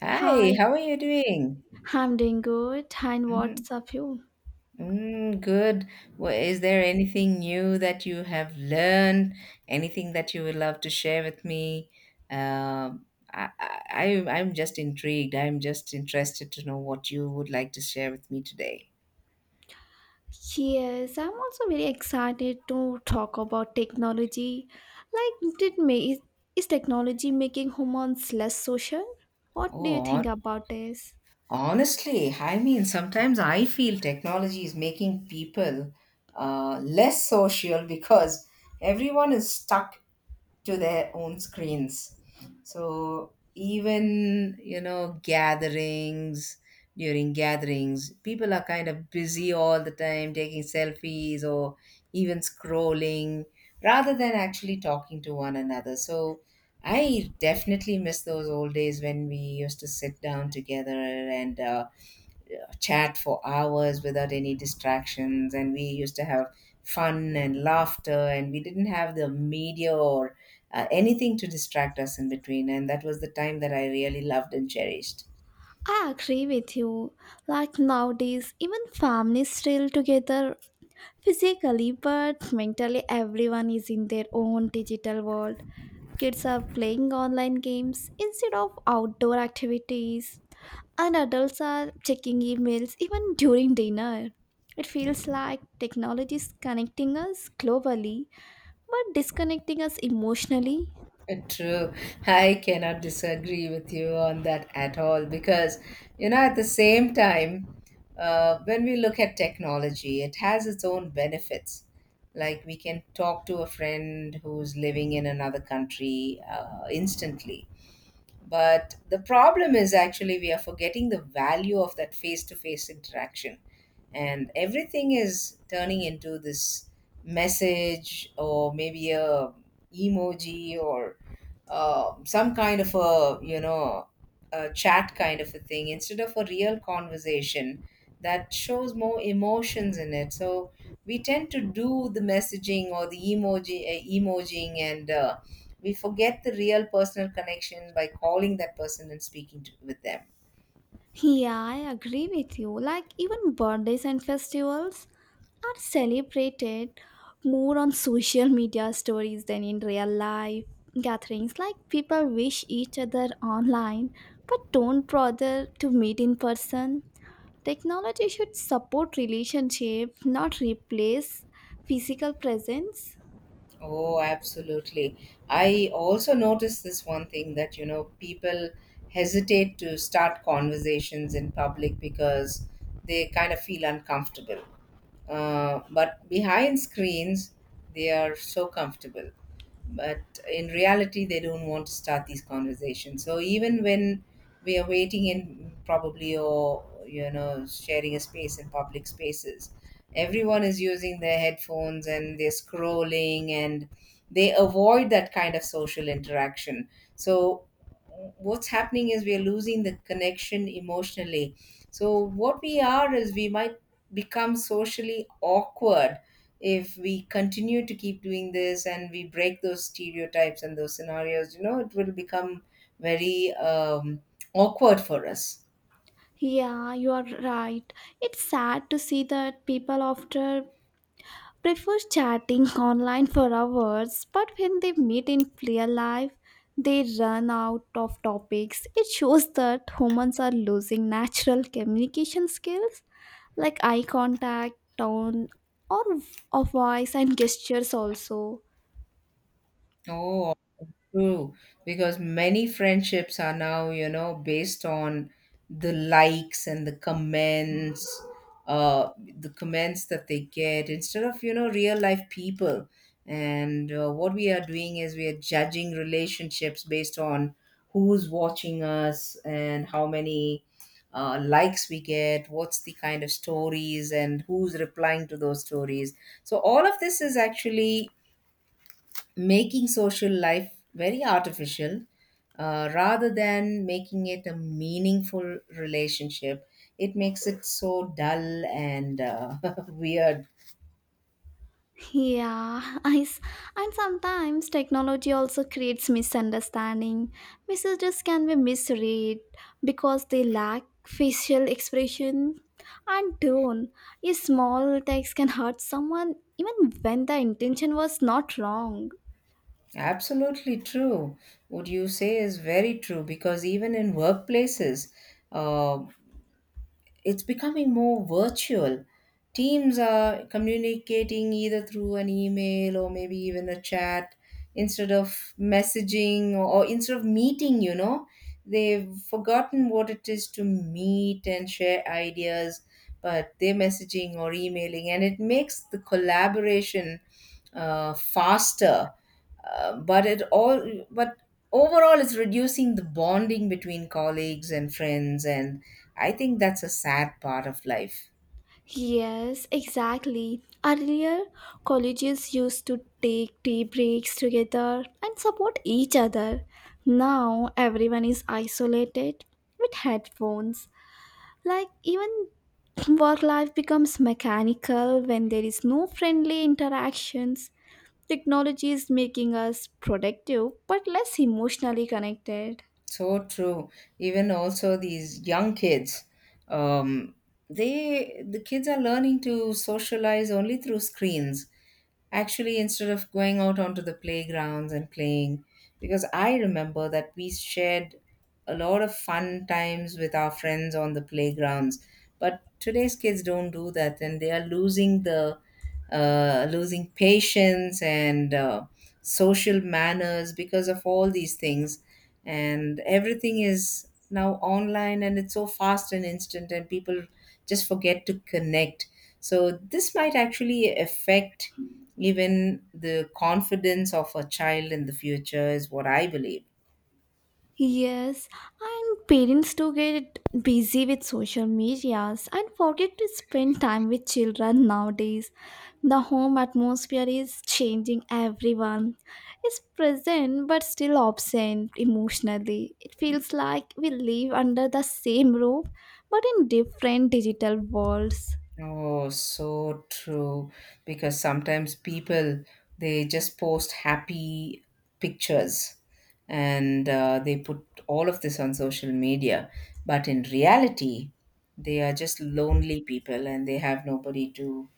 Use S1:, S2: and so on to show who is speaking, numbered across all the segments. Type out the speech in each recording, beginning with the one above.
S1: Hi,
S2: Hi,
S1: how are you doing?
S2: I'm doing good. And
S1: Mhm.
S2: what's up, you?
S1: Mm, good. Well, is there anything new that you have learned? Anything that you would love to share with me? Um, I, I, I- I'm just intrigued. I'm just interested to know what you would like to share with me today.
S2: Yes, I'm also very excited to talk about technology. Like, is technology making humans less social? What do you
S1: Oh,
S2: think
S1: hon-
S2: about this?
S1: Honestly, I mean, sometimes I feel technology is making people less social because everyone is stuck to their own screens. So even you know gatherings during gatherings, people are kind of busy all the time taking selfies or even scrolling rather than actually talking to one another. So I definitely miss those old days when we used to sit down together and chat for hours without any distractions, and we used to have fun and laughter, and we didn't have the media or anything to distract us in between. And that was the time that I really loved and cherished.
S2: I agree with you. Like nowadays, even families still together physically, but mentally, everyone is in their own digital world. Kids are playing online games instead of outdoor activities and adults are checking emails even during dinner. It feels like technology is connecting us globally but disconnecting us emotionally.
S1: True. I cannot disagree with you on that at all because, you know, at the same time, when we look at technology, it has its own benefits. Like we can talk to a friend who's living in another country instantly. But the problem is actually we are forgetting the value of that face to face interaction. And everything is turning into this message or maybe a emoji or some kind of a you know a chat kind of a thing instead of a real conversation that shows more emotions in it. So we tend to do the messaging or the emoji emojing, and we forget the real personal connection by calling that person and speaking to, with them.
S2: Yeah, I agree with you. Like, even birthdays and festivals are celebrated more on social media stories than in real life gatherings. Like, people wish each other online but don't bother to meet in person. Technology should support relationship, not replace physical presence.
S1: Oh, absolutely. I also noticed this one thing, that you know people hesitate to start conversations in public because they kind of feel uncomfortable. But behind screens, they are so comfortable, but in reality they don't want to start these conversations. So even when we are waiting in probably, or you know, sharing a space in public spaces, everyone is using their headphones and they're scrolling, and they avoid that kind of social interaction. So what's happening is we are losing the connection emotionally. So what we are is we might become socially awkward if we continue to keep doing this, and we break those stereotypes and those scenarios, you know, it will become very awkward for us.
S2: Yeah, you are right. It's sad to see that people after prefer chatting online for hours, but when they meet in real life, they run out of topics. It shows that humans are losing natural communication skills like eye contact, tone, or v- or voice and gestures also.
S1: Oh, true, because many friendships are now, you know, based on the likes and the comments that they get instead of, you know, real life people. And what we are doing is we are judging relationships based on who's watching us and how many likes we get, what's the kind of stories, and who's replying to those stories. So, all of this is actually making social life very artificial, rather than making it a meaningful relationship. It makes it so dull and weird.
S2: Yeah, And sometimes technology also creates misunderstanding. Messages can be misread because they lack facial expression and tone. A small text can hurt someone even when the intention was not wrong.
S1: Absolutely true. What you say is very true because even in workplaces, uh, it's becoming more virtual. Teams are communicating either through an email or maybe even a chat instead of messaging or instead of meeting, you know. They've forgotten what it is to meet and share ideas, but they're messaging or emailing, and it makes the collaboration faster. But overall it's reducing the bonding between colleagues and friends, and I think that's a sad part of life.
S2: Yes, exactly. Earlier, colleges used to take tea breaks together and support each other. Now, everyone is isolated with headphones. Like, even work life becomes mechanical when there is no friendly interactions. Technology is making us productive but less emotionally connected.
S1: So true. Even also these young kids, um, the kids are learning to socialize only through screens. Actually, instead of going out onto the playgrounds and playing, because I remember that we shared a lot of fun times with our friends on the playgrounds. But today's kids don't do that, and they are losing the losing patience and social manners because of all these things. And everything is now online, and it's so fast and instant, and people just forget to connect. So this might actually affect even the confidence of a child in the future, is what I believe.
S2: Yes, and parents do get busy with social medias and forget to spend time with children nowadays. The home atmosphere is changing. Everyone is present but still absent emotionally. It feels like we live under the same roof but in different digital worlds.
S1: Oh, so true. Because sometimes people they just post happy pictures and they put all of this on social media, but in reality, they are just lonely people and they have nobody to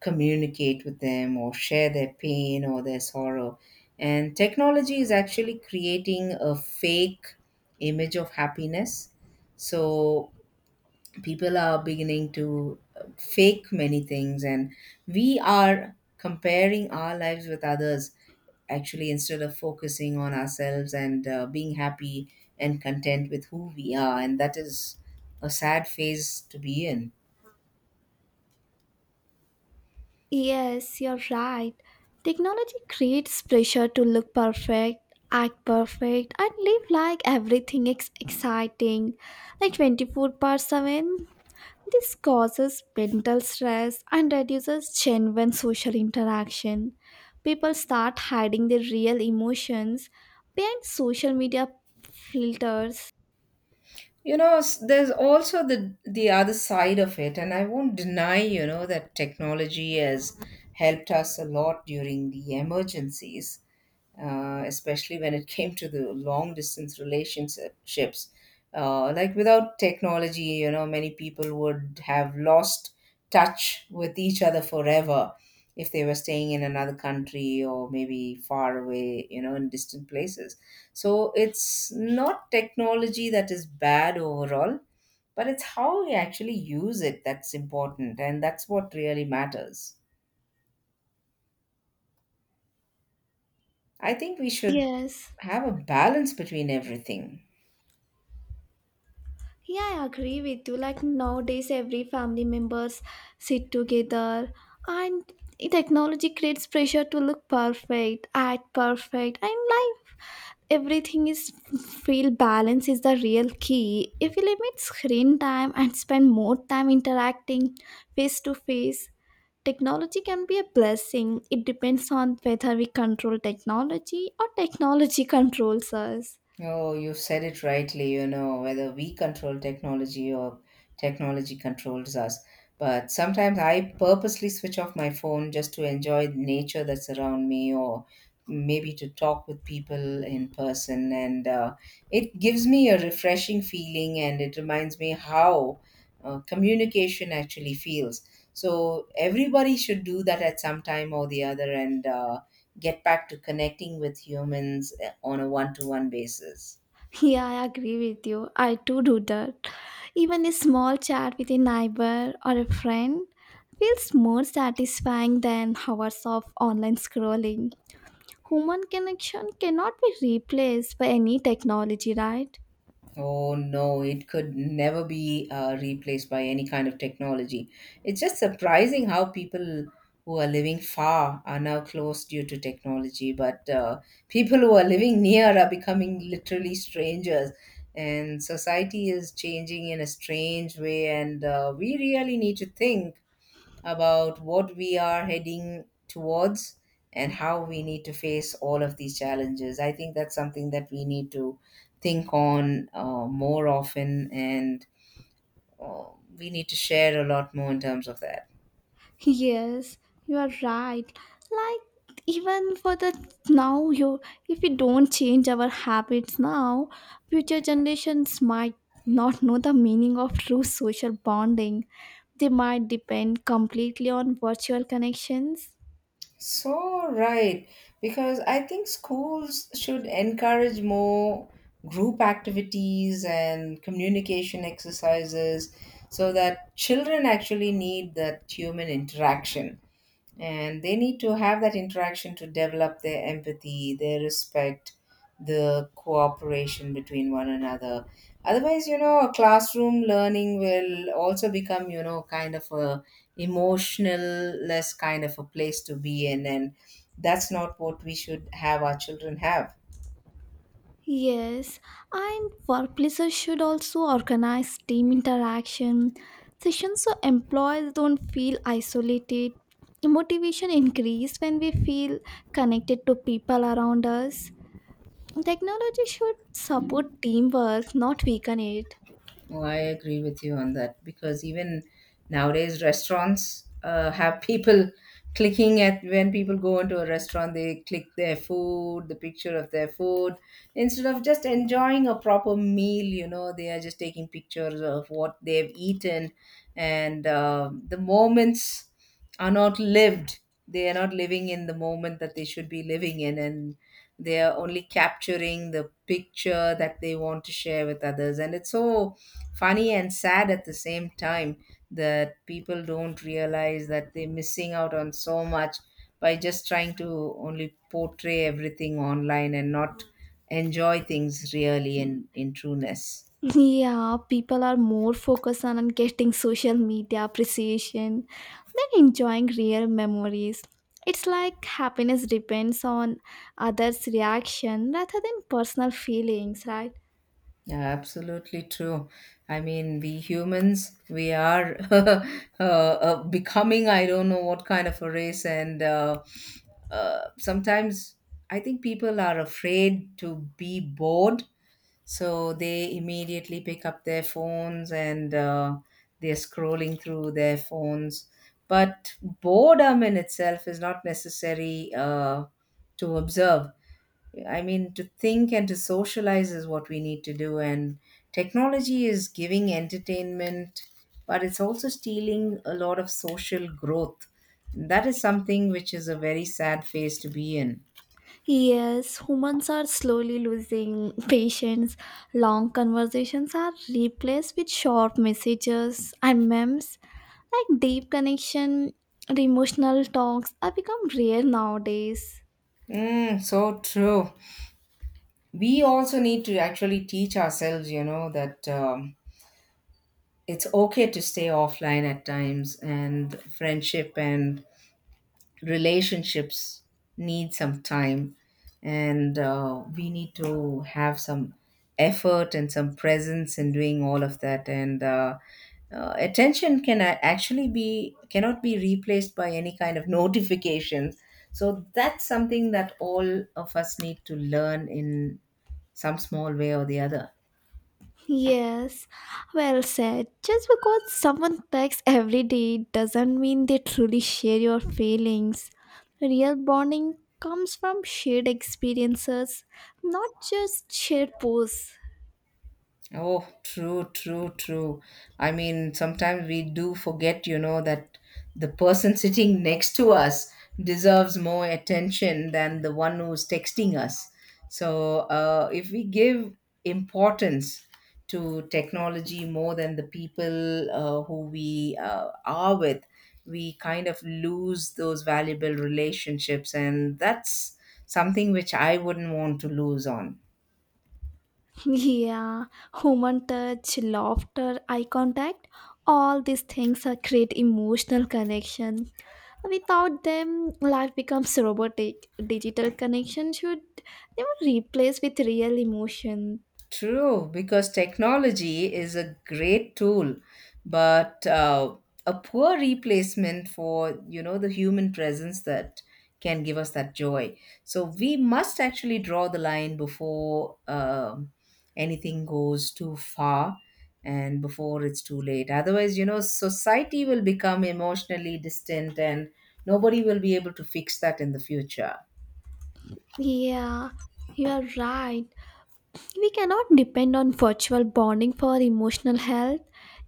S1: communicate with them or share their pain or their sorrow. And technology is actually creating a fake image of happiness. So people are beginning to fake many things, and we are comparing our lives with others actually instead of focusing on ourselves and being happy and content with who we are. And that is a sad phase to be in.
S2: Yes, you're right. Technology creates pressure to look perfect, act perfect, and live like everything is exciting. Like 24/7, this causes mental stress and reduces genuine social interaction. People start hiding their real emotions behind social media filters.
S1: There's also the other side of it, and I won't deny, you know, that technology has helped us a lot during the emergencies, especially when it came to the long distance relationships. Like without technology, you know, many people would have lost touch with each other forever if they were staying in another country or maybe far away, you know, in distant places. So it's not technology that is bad overall, but it's how we actually use it that's important. And that's what really matters. I think we should
S2: Yes.
S1: have a balance between everything.
S2: Yeah, I agree with you. Like nowadays, every family members sit together, and technology creates pressure to look perfect, act perfect, and life. Everything is feel balance is the real key. If you limit screen time and spend more time interacting face to face, technology can be a blessing. It depends on whether we control technology or technology controls us.
S1: Oh, you said it rightly, you know, whether we control technology or technology controls us. But sometimes I purposely switch off my phone just to enjoy the nature that's around me or maybe to talk with people in person. And it gives me a refreshing feeling, and it reminds me how communication actually feels. So everybody should do that at some time or the other. And get back to connecting with humans on a one to one basis.
S2: Yeah, I agree with you. I too do that. Even a small chat with a neighbor or a friend feels more satisfying than hours of online scrolling. Human connection cannot be replaced by any technology, right?
S1: Oh no, it could never be replaced by any kind of technology. It's just surprising how people who are living far are now close due to technology, but people who are living near are becoming literally strangers. And society is changing in a strange way, and we really need to think about what we are heading towards and how we need to face all of these challenges. I think that's something that we need to think on more often, and uh, we need to share a lot more in terms of that.
S2: Yes, you are right. Like even for the now you if we don't change our habits now, future generations might not know the meaning of true social bonding. They might depend completely on virtual connections.
S1: So, right, because I think schools should encourage more group activities and communication exercises so that children actually need that human interaction, and they need to have that interaction to develop their empathy, their respect, the cooperation between one another. Otherwise, you know, a classroom learning will also become, you know, kind of a emotional less kind of a place to be in, and that's not what we should have our children have.
S2: Yes, and workplaces should also organize team interaction sessions so employees don't feel isolated. Motivation increases when we feel connected to people around us. Technology should support teamwork, not weaken it.
S1: Oh, I agree with you on that because even nowadays restaurants have people clicking at when people go into a restaurant, they click their food, the picture of their food instead of just enjoying a proper meal. You know, they are just taking pictures of what they've eaten, and the moments are not lived. They are not living in the moment that they should be living in, and they are only capturing the picture that they want to share with others. And it's so funny and sad at the same time that people don't realize that they're missing out on so much by just trying to only portray everything online and not enjoy things really in trueness.
S2: Yeah, people are more focused on getting social media appreciation than enjoying real memories. It's like happiness depends on others' reaction rather than personal feelings, right?
S1: Yeah, absolutely true. I mean, we humans, we are becoming, I don't know what kind of a race. And sometimes I think people are afraid to be bored. So they immediately pick up their phones and they're scrolling through their phones. But boredom in itself is not necessary to observe. I mean, to think and to socialize is what we need to do. And technology is giving entertainment, but it's also stealing a lot of social growth. That is something which is a very sad phase to be in.
S2: Yes, humans are slowly losing patience. Long conversations are replaced with short messages and memes. Like deep connection, emotional talks are become rare nowadays.
S1: Mm, so true. We also need to actually teach ourselves, you know, that it's okay to stay offline at times, and friendship and relationships need some time, and we need to have some effort and some presence in doing all of that. And attention cannot be replaced by any kind of notifications. So that's something that all of us need to learn in some small way or the other.
S2: Yes, well said. Just because someone texts every day doesn't mean they truly share your feelings. Real bonding comes from shared experiences, not just shared posts.
S1: Oh, true, true, true. I mean, sometimes we do forget, you know, that the person sitting next to us deserves more attention than the one who's texting us. So, if we give importance to technology more than the people who we are with, we kind of lose those valuable relationships. And that's something which I wouldn't want to lose on.
S2: Yeah, human touch, laughter, eye contact, all these things are create emotional connection. Without them, life becomes robotic. Digital connection should never replace with real emotion.
S1: True, because technology is a great tool, but a poor replacement for, the human presence that can give us that joy. So we must actually draw the line before anything goes too far and before it's too late. Otherwise, you know, society will become emotionally distant and nobody will be able to fix that in the future.
S2: Yeah, you are right. We cannot depend on virtual bonding for emotional health.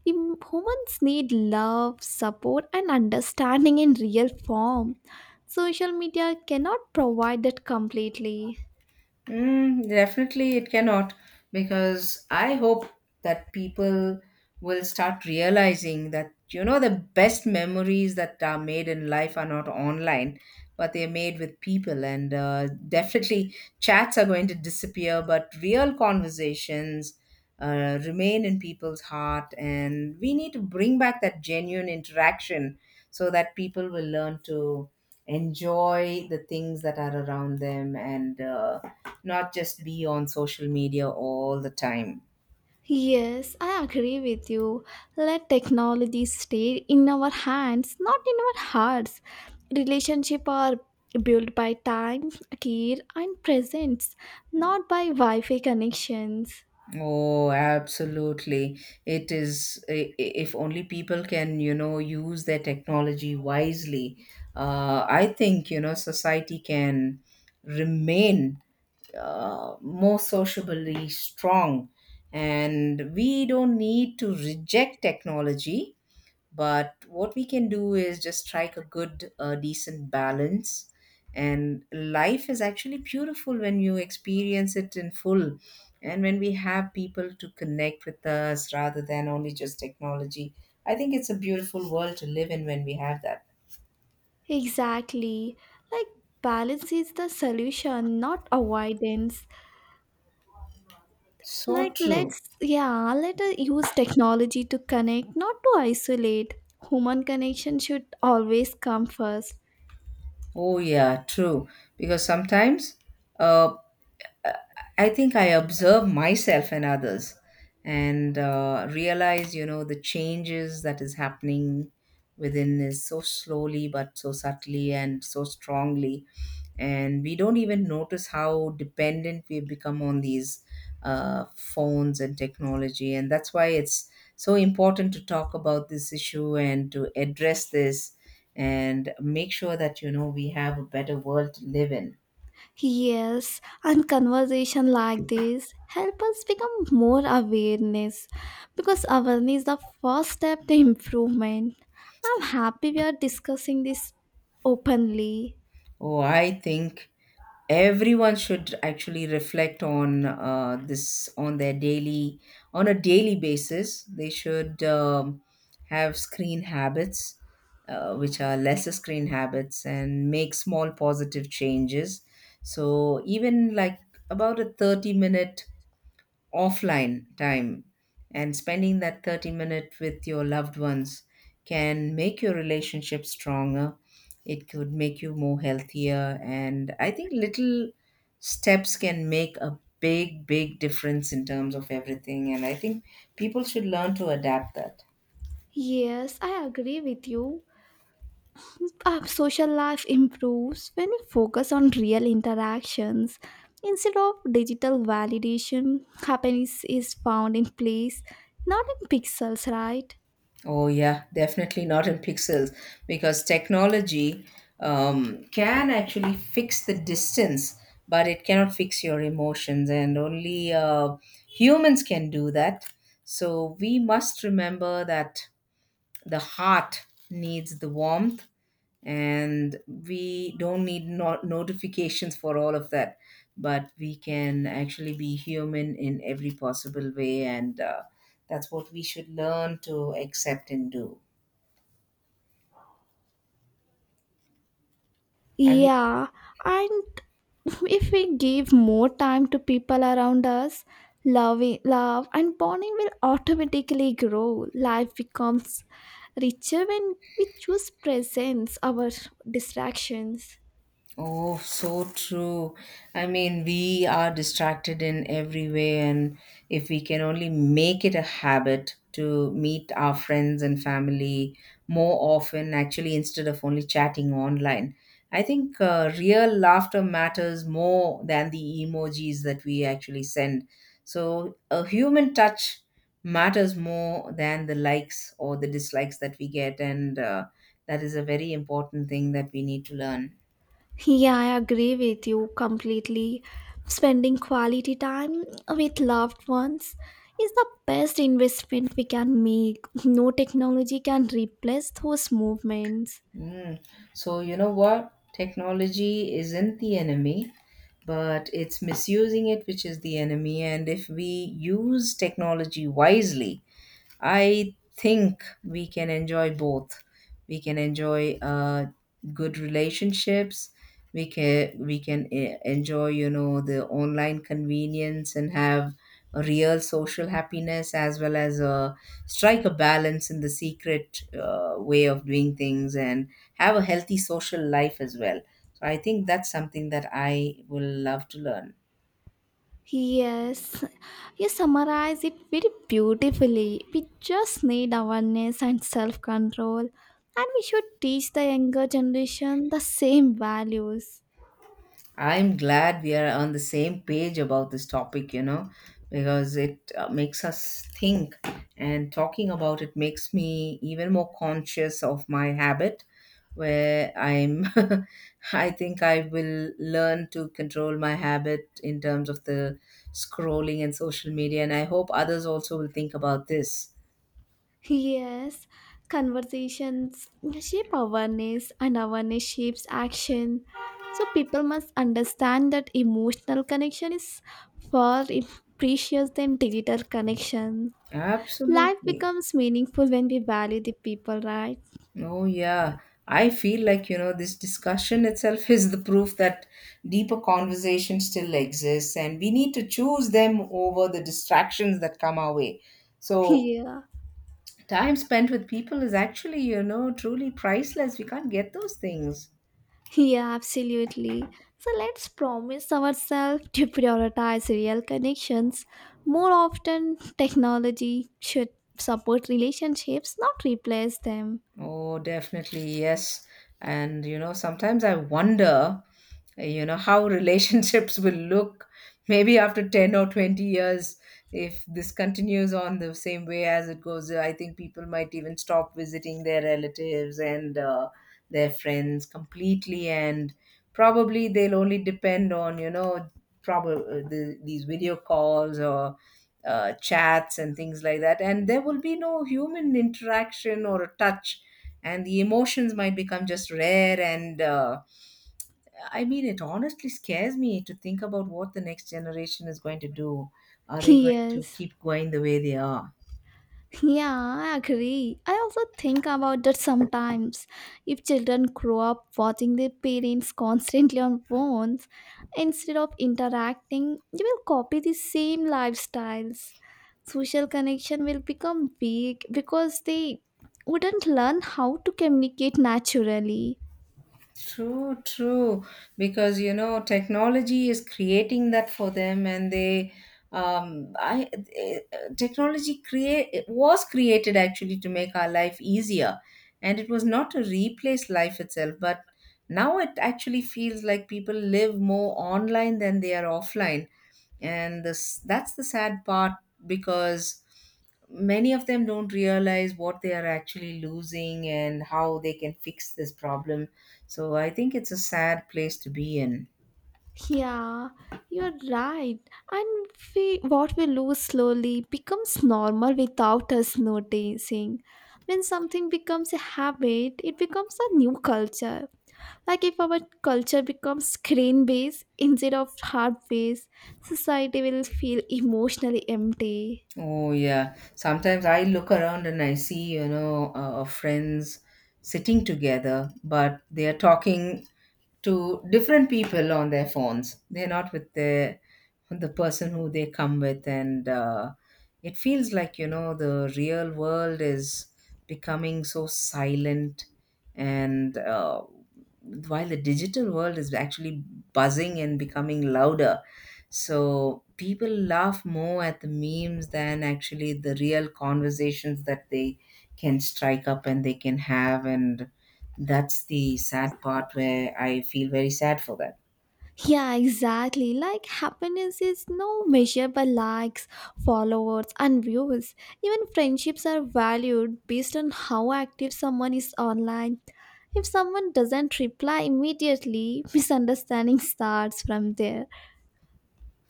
S2: Humans need love, support, and understanding in real form. Social media cannot provide that completely.
S1: Mm, definitely, it cannot, because I hope that people will start realizing that you know the best memories that are made in life are not online, but they're made with people. And Definitely, chats are going to disappear, but real conversations remain in people's heart. And we need to bring back that genuine interaction so that people will learn to enjoy the things that are around them and. Not just be on social media all the time.
S2: Yes, I agree with you. Let technology stay in our hands, not in our hearts. Relationship are built by time, care, and presence, not by Wi-Fi connections.
S1: Oh, absolutely. It is, I- If only people can, you know, use their technology wisely, I think, you know, society can remain more sociably strong. And we don't need to reject technology, but what we can do is just strike a good, decent balance. And life is actually beautiful when you experience it in full and when we have people to connect with us rather than only just technology. I think it's a beautiful world to live in when we have that.
S2: Exactly. Like balance is the solution, not avoidance.
S1: So
S2: Like
S1: true.
S2: let us use technology to connect, not to isolate. Human connection should always come first.
S1: Oh, yeah, true. Because sometimes uh, uh, I think I observe myself and others and realize, you know, the changes that is happening within is so slowly but so subtly and so strongly. And we don't even notice how dependent we've become on these phones and technology. And that's why it's so important to talk about this issue and to address this and make sure that, you know, we have a better world to live in.
S2: Yes, and conversation like this help us become more awareness because awareness is the first step to improvement. I'm happy we are discussing this openly.
S1: Oh, I think everyone should actually reflect on this on their daily on a daily basis. They should have screen habits, which are lesser screen habits, and make small positive changes. So even like about a 30-minute offline time and spending that 30-minute with your loved ones can make your relationship stronger. It could make you more healthier, and I think little steps can make a big difference in terms of everything. And I think people should learn to adapt that.
S2: Yes, I agree with you. Social life improves when we focus on real interactions instead of digital validation. Happiness is found in place, not in pixels, right?
S1: Oh, yeah, definitely not in pixels, because technology can actually fix the distance, but it cannot fix your emotions, and only humans can do that. So we must remember that the heart needs the warmth, and we don't need notifications for all of that, but we can actually be human in every possible way, and that's what we should learn to accept and do, I mean.
S2: Yeah, and if we give more time to people around us, love and bonding will automatically grow. Life becomes richer when we choose presence over distractions.
S1: Oh, so true. I mean, we are distracted in every way, and if we can only make it a habit to meet our friends and family more often, actually, instead of only chatting online, I think real laughter matters more than the emojis that we actually send. So, a human touch matters more than the likes or the dislikes that we get, and that is a very important thing that we need to learn.
S2: Yeah, I agree with you completely. Spending quality time with loved ones is the best investment we can make. No technology can replace those movements.
S1: Mm. So, you know what? Technology isn't the enemy, but it's misusing it which is the enemy. And if we use technology wisely, I think we can enjoy both. We can enjoy good relationships. We can enjoy you know the online convenience and have a real social happiness, as well as strike a balance in the secret, way of doing things and have a healthy social life as well. So I think that's something that I will love to learn.
S2: Yes, you summarize it very beautifully. We just need awareness and self control, and we should teach the younger generation the same values.
S1: I'm glad we are on the same page about this topic, you know, because it makes us think, and talking about it makes me even more conscious of my habit where I'm I think I will learn to control my habit in terms of the scrolling and social media, and I hope others also will think about this.
S2: Yes, conversations shape awareness, and awareness shapes action. So, people must understand that emotional connection is far precious than digital connection. Life
S1: Absolutely.
S2: becomes meaningful when we value the people, right?
S1: Oh, yeah. I feel like, you know, this discussion itself is the proof that deeper conversation still exists, and we need to choose them over the distractions that come our way. So,
S2: Yeah,
S1: time spent with people is actually, you know, truly priceless. We can't get those things.
S2: yeah, absolutely. So, let's promise ourselves to prioritize real connections. More often, technology should support relationships, not replace them.
S1: Oh, definitely, yes. And you know, sometimes I wonder, you know, how relationships will look maybe after 10 or 20 years if this continues on the same way as it goes. I think people might even stop visiting their relatives and their friends completely, and probably they'll only depend on, you know, probably these video calls or chats and things like that. And there will be no human interaction or a touch, and the emotions might become just rare and I mean, it honestly scares me to think about what the next generation is going to do. Are they going to
S2: Yes.
S1: keep going the way they are?
S2: Yeah, I agree. I also think about that sometimes. If children grow up watching their parents constantly on phones instead of interacting, they will copy the same lifestyles. Social connection will become weak because they wouldn't learn how to communicate naturally.
S1: True, true. Because you know, technology is creating that for them, and um, I, eh, technology, create it was created actually to make our life easier, and it was not to replace life itself. But now it actually feels like people live more online than they are offline, and this that's the sad part, because many of them don't realize what they are actually losing and how they can fix this problem. So I think it's a sad place to be in.
S2: Yeah, you're right. And what we lose slowly becomes normal without us noticing. When something becomes a habit, it becomes a new culture. Like if our culture becomes screen based instead of heart based, society will feel emotionally empty.
S1: Oh, yeah. Sometimes I look around and I see, you know, friends sitting together, but they are talking to different people on their phones. They're not with the person who they come with, and it feels like you know the real world is becoming so silent, and while the digital world is actually buzzing and becoming louder. So people laugh more at the memes than actually the real conversations that they can strike up and they can have. And that's the sad part where I feel very sad for that.
S2: Yeah, exactly. Like happiness is no measure by likes, followers, and views. Even friendships are valued based on how active someone is online. If someone doesn't reply immediately, misunderstanding starts from there.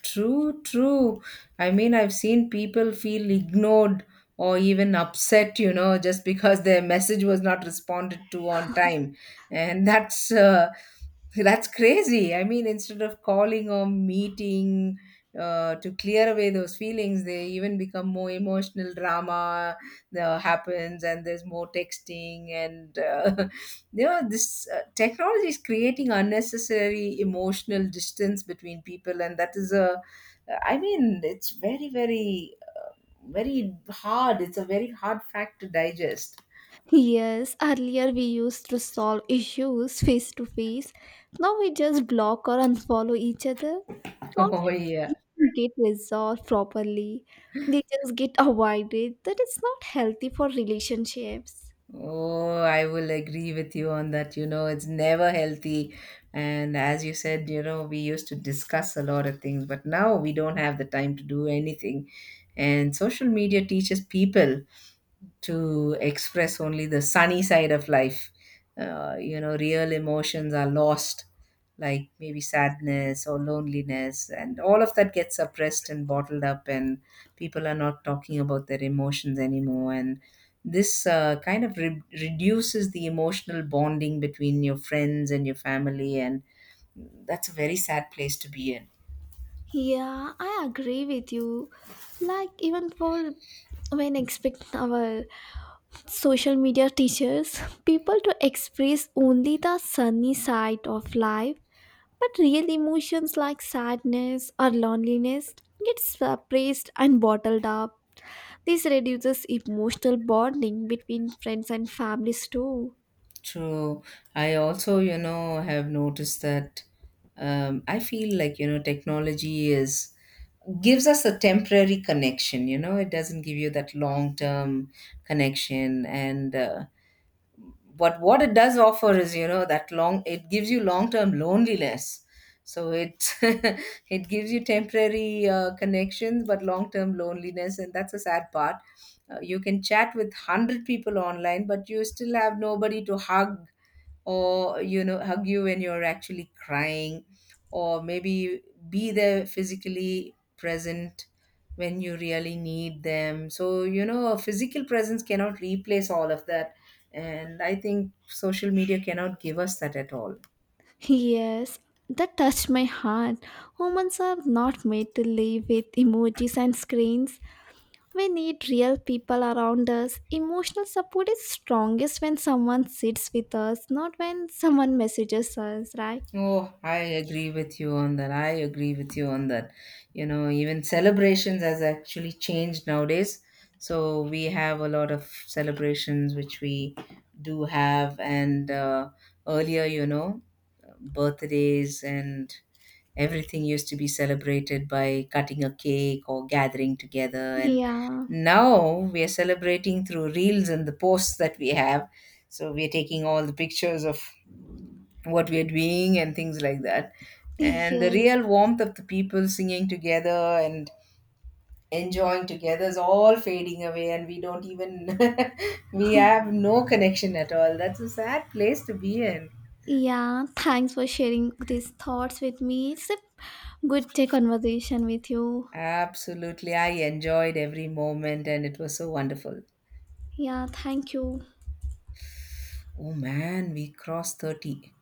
S1: True, true. I mean, I've seen people feel ignored or even upset, you know, just because their message was not responded to on time. And that's crazy. I mean, instead of calling or meeting to clear away those feelings, they even become more emotional drama happens, and there's more texting, and you know, this technology is creating unnecessary emotional distance between people, and that is a, I mean, it's very hard. It's a very hard fact to digest.
S2: Yes, earlier we used to solve issues face to face. Now we just block or unfollow each other.
S1: Oh
S2: Conflict
S1: yeah.
S2: get resolved properly. They just get avoided. That is not healthy for relationships.
S1: Oh, I will agree with you on that. You know, it's never healthy. And as you said, you know, we used to discuss a lot of things, but now we don't have the time to do anything. And social media teaches people to express only the sunny side of life. You know, real emotions are lost, like maybe sadness or loneliness, and all of that gets suppressed and bottled up, and people are not talking about their emotions anymore. And this kind of reduces the emotional bonding between your friends and your family, and that's a very sad place to be in.
S2: Yeah, I agree with you. Like even for when expect our social media teachers people to express only the sunny side of life, but real emotions like sadness or loneliness get suppressed and bottled up. This reduces emotional bonding between friends and families too.
S1: True. I also, you know, have noticed that I feel like, you know, technology is gives us a temporary connection, you know, it doesn't give you that long term connection. And But what it does offer is you know that long it gives you long term loneliness. So it it gives you temporary connections but long term loneliness, and that's a sad part. Uh, you can chat with 100 people online but you still have nobody to hug, or you know, hug you when you're actually crying, or maybe be there physically present when you really need them. So you know, a physical presence cannot replace all of that, and I think social media cannot give us that at all.
S2: Yes, that touched my heart. Humans are not made to live with emojis and screens. We need real people around us. Emotional support is strongest when someone sits with us, not when someone messages us, right?
S1: Oh, I agree with you on that. I agree with you on that. You know, even celebrations has actually changed nowadays. So we have a lot of celebrations which we do have, and earlier, you know, birthdays and everything used to be celebrated by cutting a cake or gathering together, and
S2: Yeah,
S1: now we are celebrating through reels and the posts that we have. So we are taking all the pictures of what we are doing and things like that. And the
S2: yes,
S1: real warmth of the people singing together and enjoying together is all fading away, and we don't even we have no connection at all. That's a sad place to be in.
S2: yeah. Thanks for sharing these thoughts with me. It's a good conversation with you.
S1: Absolutely, I enjoyed every moment, and it was so wonderful.
S2: Yeah, thank you.
S1: Oh man, we crossed 30.